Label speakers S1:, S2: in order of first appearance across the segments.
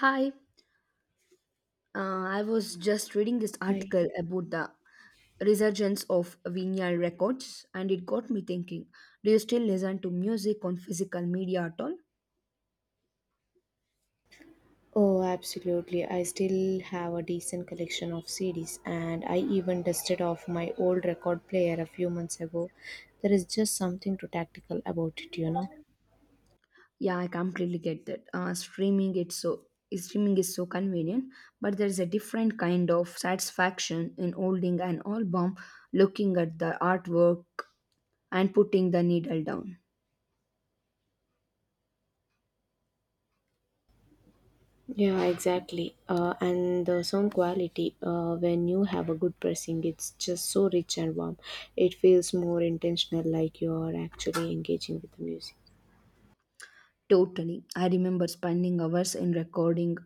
S1: Hi, I was just reading this
S2: I,
S1: article about the resurgence of vinyl records and it got me thinking, do you still listen to music on physical media at all?
S2: oh, absolutely. I still have a decent collection of CDs, and I even dusted off my old record player a few months ago. There is just something to tactical about it, you know.
S1: Yeah, I completely get that. Streaming is so convenient, but there's a different kind of satisfaction in holding an album, looking at the artwork and putting the needle down.
S2: Yeah, exactly. And the sound quality, when you have a good pressing, it's just so rich and warm. It feels more intentional, like you're actually engaging with the music.
S1: Totally. I remember spending hours in recording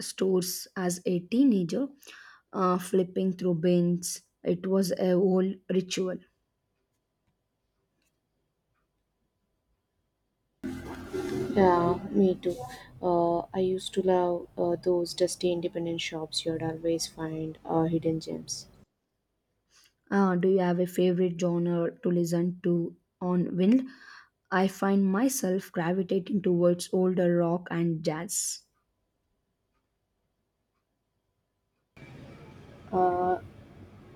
S1: stores as a teenager, flipping through bins. It was a whole ritual.
S2: Yeah, me too. I used to love those dusty independent shops you'd always find hidden gems.
S1: Do you have a favorite genre to listen to on Wind? I find myself gravitating towards older rock and jazz.
S2: uh,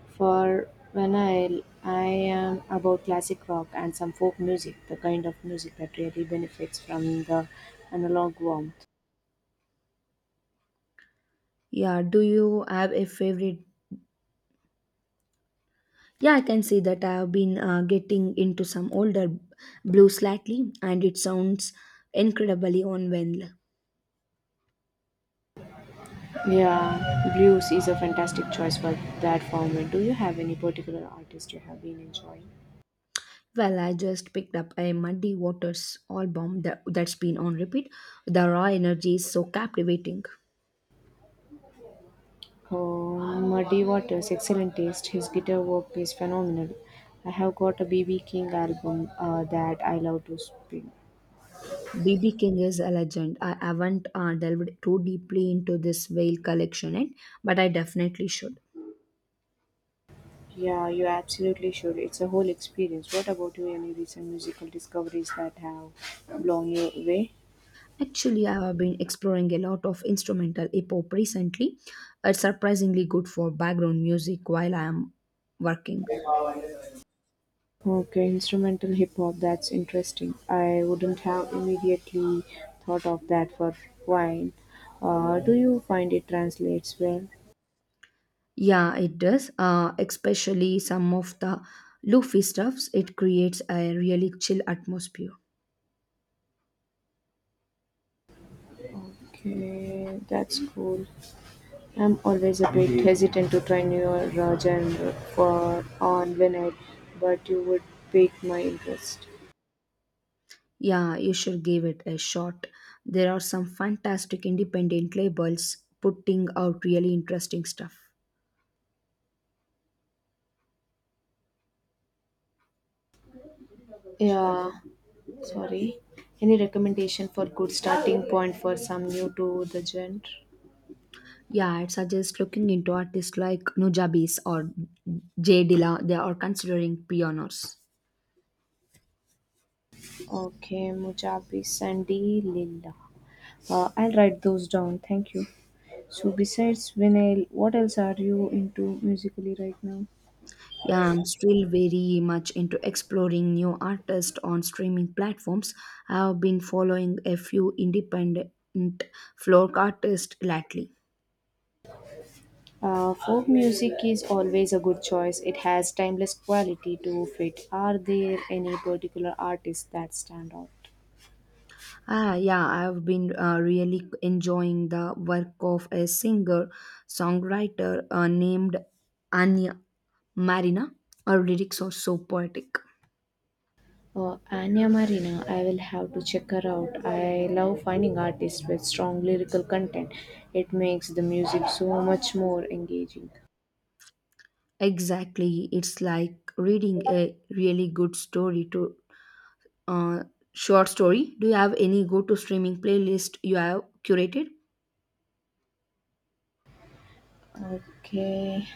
S2: for when I am about classic rock and some folk music, the kind of music that really benefits from the analog warmth.
S1: Yeah, do you have a favorite? Yeah, I can see that. I have been getting into some older blues lately, and it sounds incredibly on Wind.
S2: Yeah, blues is a fantastic choice for that format. Do you have any particular artist you have been enjoying?
S1: Well, I just picked up a Muddy Waters album that's been on repeat. The raw energy is so captivating.
S2: Oh, Muddy Waters, excellent taste. His guitar work is phenomenal. I have got a BB King album that I love to spin.
S1: BB King is a legend. I haven't delved too deeply into this whale collection yet, but I definitely should.
S2: Yeah, you absolutely should. It's a whole experience. What about you? Any recent musical discoveries that have blown you away?
S1: Actually, I have been exploring a lot of instrumental hip hop recently. It's surprisingly good for background music while I am working.
S2: Okay, instrumental hip hop, that's interesting. I wouldn't have immediately thought of that for wine. Do you find it translates well?
S1: Yeah, it does. Especially some of the loofy stuffs, it creates a really chill atmosphere.
S2: Okay, that's cool. I'm always a bit hesitant to try newer genre for on vinyl, but you would pique my interest.
S1: Yeah, you should give it a shot. There are some fantastic independent labels putting out really interesting stuff.
S2: Yeah, sorry. Any recommendation for good starting point for some new to the genre?
S1: Yeah, I'd suggest looking into artists like Nujabes or J. Dilla. They are considering pioneers.
S2: Okay, Mujabis Sandy Lilla. I'll write those down. Thank you. So besides vinyl, what else are you into musically right now?
S1: Yeah, I'm still very much into exploring new artists on streaming platforms. I've been following a few independent folk artists lately.
S2: Folk music is always a good choice. It has timeless quality to it. Are there any particular artists that stand out?
S1: Ah, yeah, I've been really enjoying the work of a singer songwriter named Anya Marina. Her lyrics are so poetic.
S2: Anya Marina, I will have to check her out. I love finding artists with strong lyrical content. It makes the music so much more engaging.
S1: Exactly, it's like reading a really good story to uh, short story. Do you have any go to streaming playlist you have curated?
S2: Okay,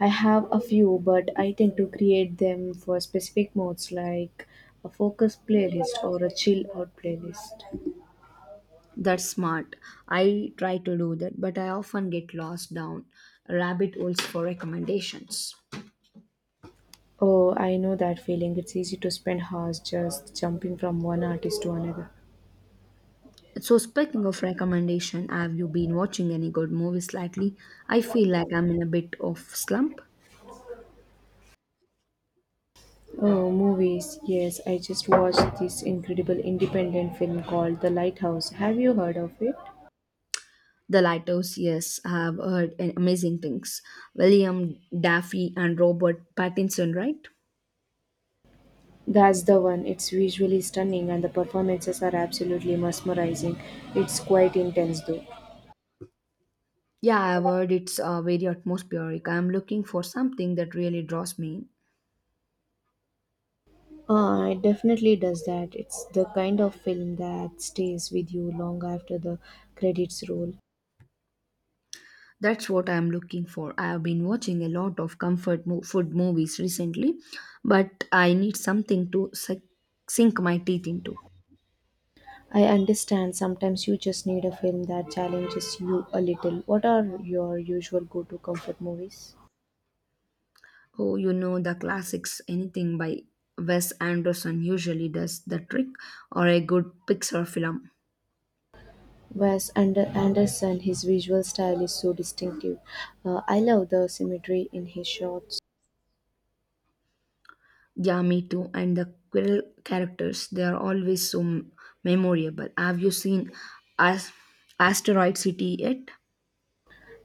S2: I have a few, but I tend to create them for specific modes like a focus playlist or a chill out playlist.
S1: That's smart. I try to do that, but I often get lost down rabbit holes for recommendations.
S2: Oh, I know that feeling. It's easy to spend hours just jumping from one artist to another.
S1: So speaking of recommendation, have you been watching any good movies lately? I feel like I'm in a bit of slump.
S2: Oh, movies. Yes, I just watched this incredible independent film called The Lighthouse. Have you heard of it?
S1: The Lighthouse, yes, I have heard amazing things. William Daffy and Robert Pattinson, right?
S2: That's the one. It's visually stunning and the performances are absolutely mesmerizing. It's quite intense though.
S1: Yeah, I've heard it's very atmospheric. I'm looking for something that really draws me in.
S2: It definitely does that. It's the kind of film that stays with you long after the credits roll.
S1: That's what I'm looking for. I have been watching a lot of food movies recently, but I need something to sink my teeth into.
S2: I understand sometimes you just need a film that challenges you a little. What are your usual go to comfort movies?
S1: Oh, you know the classics, anything by Wes Anderson usually does the trick, or a good Pixar film.
S2: Anderson, his visual style is so distinctive. I love the symmetry in his shots.
S1: Yeah, me too. And the Quill characters, they are always so memorable. Have you seen As- Asteroid City yet?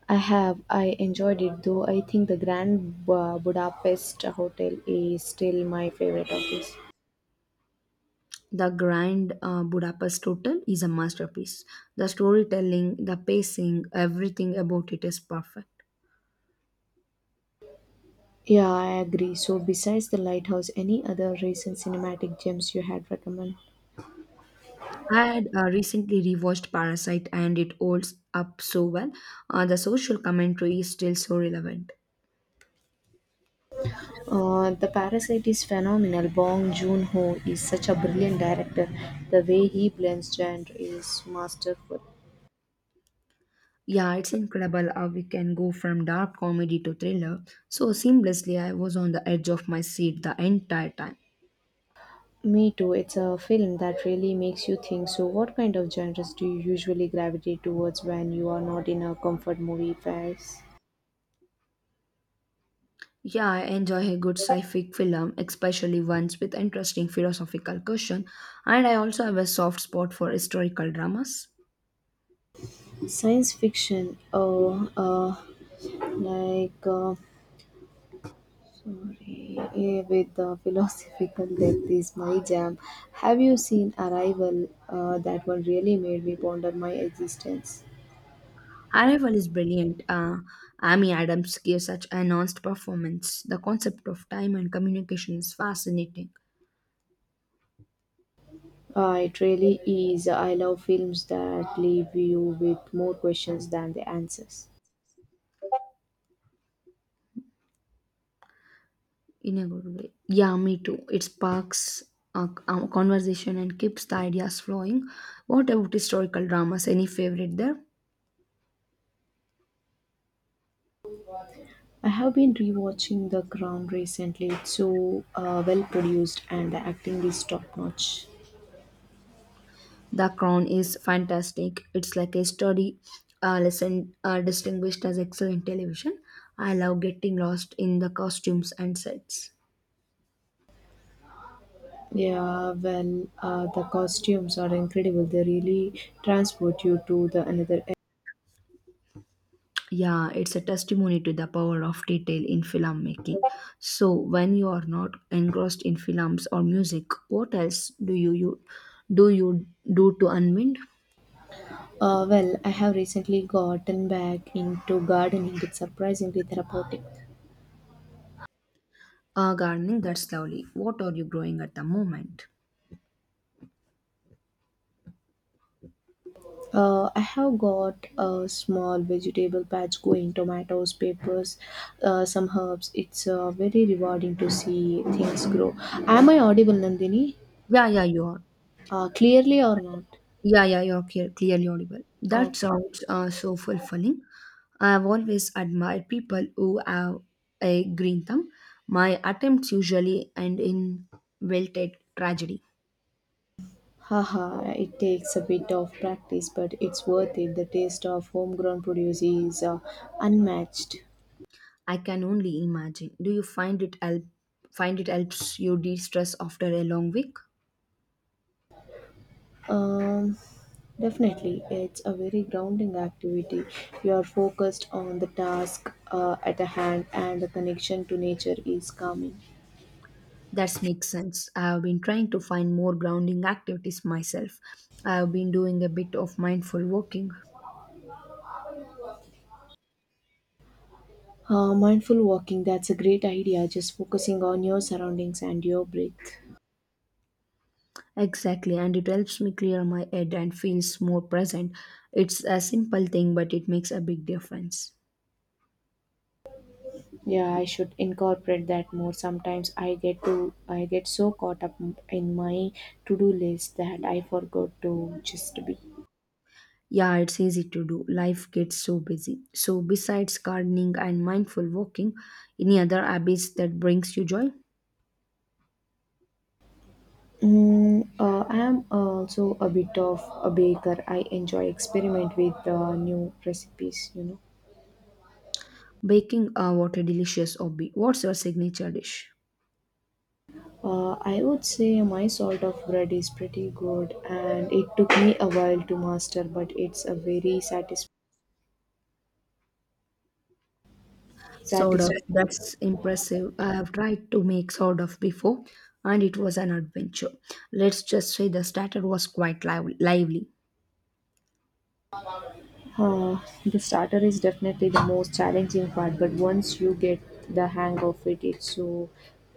S2: I have, I enjoyed it though. I think the Budapest Hotel is still my favorite of his.
S1: The Grand Budapest Hotel is a masterpiece. The storytelling, the pacing, everything about it is perfect.
S2: Yeah, I agree. So, besides the lighthouse, any other recent cinematic gems you had recommend?
S1: I had recently rewatched Parasite and it holds up so well. The social commentary is still so relevant.
S2: The Parasite is phenomenal. Bong Joon Ho is such a brilliant director. The way he blends genre is masterful.
S1: Yeah, it's incredible how we can go from dark comedy to thriller so seamlessly. I was on the edge of my seat the entire time.
S2: Me too. It's a film that really makes you think. So, what kind of genres do you usually gravitate towards when you are not in a comfort movie phase?
S1: Yeah, I enjoy a good sci-fi film, especially ones with interesting philosophical question, and I also have a soft spot for historical dramas.
S2: Science fiction, like, uh, with the philosophical depth is my jam. Have you seen Arrival? That one really made me ponder my existence.
S1: Arrival is brilliant. Amy Adams gives such an honest performance. The concept of time and communication is fascinating
S2: It really is. I love films that leave you with more questions than the answers.
S1: in a good way. Yeah, me too. It sparks a conversation and keeps the ideas flowing. What about historical dramas? Any favorite there?
S2: I have been rewatching The Crown recently. It's so well produced and the acting is top notch.
S1: The Crown is fantastic. It's like a study lesson distinguished as excellent television. I love getting lost in the costumes and sets.
S2: Yeah, well, the costumes are incredible. They really transport you to the another.
S1: Yeah, it's a testimony to the power of detail in filmmaking. So, when you are not engrossed in films or music, what else do you, you do to unwind?
S2: Well, I have recently gotten back into gardening. It's surprisingly therapeutic.
S1: Gardening, that's lovely. What are you growing at the moment?
S2: I have got a small vegetable patch going, tomatoes, peppers, some herbs. It's very rewarding to see things grow. Am I audible, Nandini?
S1: Yeah, yeah, you are.
S2: Clearly or not?
S1: Yeah, yeah, you're clearly audible. That
S2: Okay.
S1: sounds so fulfilling. I've always admired people who have a green thumb. My attempts usually end in wilted tragedy.
S2: Haha, it takes a bit of practice, but it's worth it. The taste of homegrown produce is unmatched.
S1: I can only imagine. Do you find it helps you de-stress after a long week?
S2: Um, Definitely, it's a very grounding activity. You are focused on the task at the hand, and the connection to nature is calming.
S1: That makes sense. I have been trying to find more grounding activities myself. I have been doing a bit of mindful walking.
S2: Mindful walking, that's a great idea. Just focusing on your surroundings and your breath.
S1: Exactly, and it helps me clear my head and feels more present. It's a simple thing, but it makes a big difference.
S2: Yeah, I should incorporate that more. Sometimes I get so caught up in my to-do list that I forgot to just be.
S1: Yeah, it's easy to do. Life gets so busy. So besides gardening and mindful walking, any other habits that brings you joy?
S2: I am also a bit of a baker. I enjoy experiment with new recipes. You know,
S1: Baking, what a delicious hobby. What's your signature dish?
S2: I would say my sort of bread is pretty good, and it took me a while to master, but it's a very
S1: Sourdough.
S2: satisfying.
S1: That's impressive. I have tried to make sourdough before and it was an adventure. Let's just say the starter was quite lively.
S2: Uh, the starter is definitely the most challenging part, but once you get the hang of it, it's so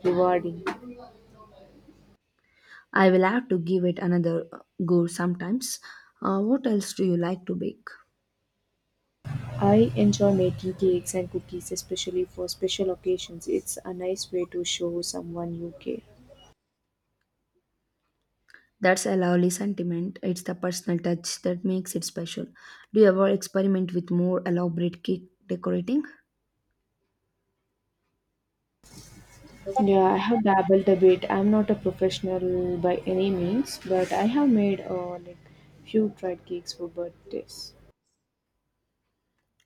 S2: rewarding.
S1: I will have to give it another go sometimes. What else do you like to bake?
S2: I enjoy making cakes and cookies, especially for special occasions. It's a nice way to show someone you care.
S1: That's a lovely sentiment. It's the personal touch that makes it special. Do you ever experiment with more elaborate cake decorating?
S2: Yeah, I have dabbled a bit. I'm not a professional by any means, but I have made like few dried cakes for birthdays.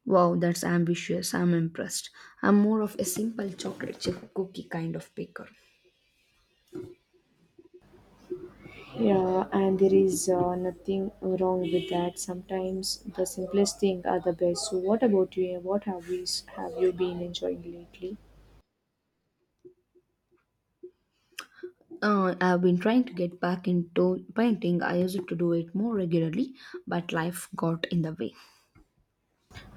S1: Wow, that's ambitious. I'm impressed. I'm more of a simple chocolate chip cookie kind of baker.
S2: Yeah, and there is nothing wrong with that. Sometimes the simplest thing are the best. So, what about you? What have we have you been enjoying lately?
S1: I've been trying to get back into painting. I used to do it more regularly, but life got in the way.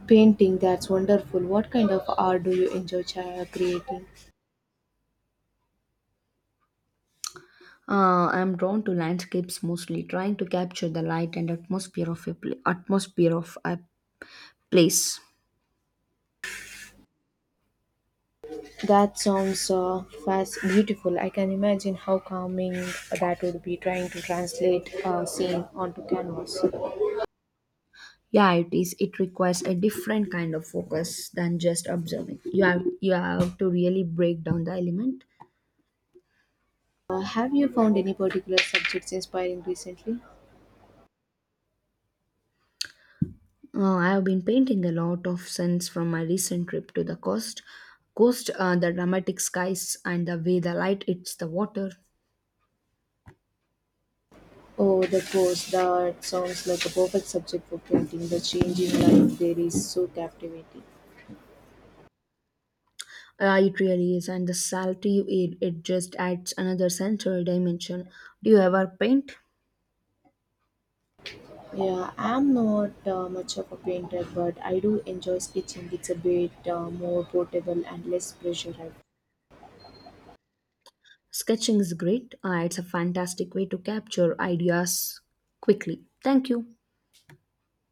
S2: Painting, that's wonderful. What kind of art do you enjoy creating?
S1: I'm drawn to landscapes mostly, trying to capture the light and atmosphere of a place.
S2: That sounds beautiful. I can imagine how calming that would be trying to translate a scene onto canvas.
S1: Yeah, it is. It requires a different kind of focus than just observing. You have to really break down the element.
S2: Have you found any particular subjects inspiring recently?
S1: I have been painting a lot of scenes from my recent trip to the coast. Coast, the dramatic skies and the way the light hits the water.
S2: Oh, the course, that sounds like a perfect subject for painting. The change in light there is so captivating.
S1: It really is, and the salty it just adds another sensory dimension. Do you ever paint?
S2: Yeah, I'm not much of a painter, but I do enjoy sketching. It's a bit more portable and less pressure, I
S1: Sketching is great. It's a fantastic way to capture ideas quickly. Thank you.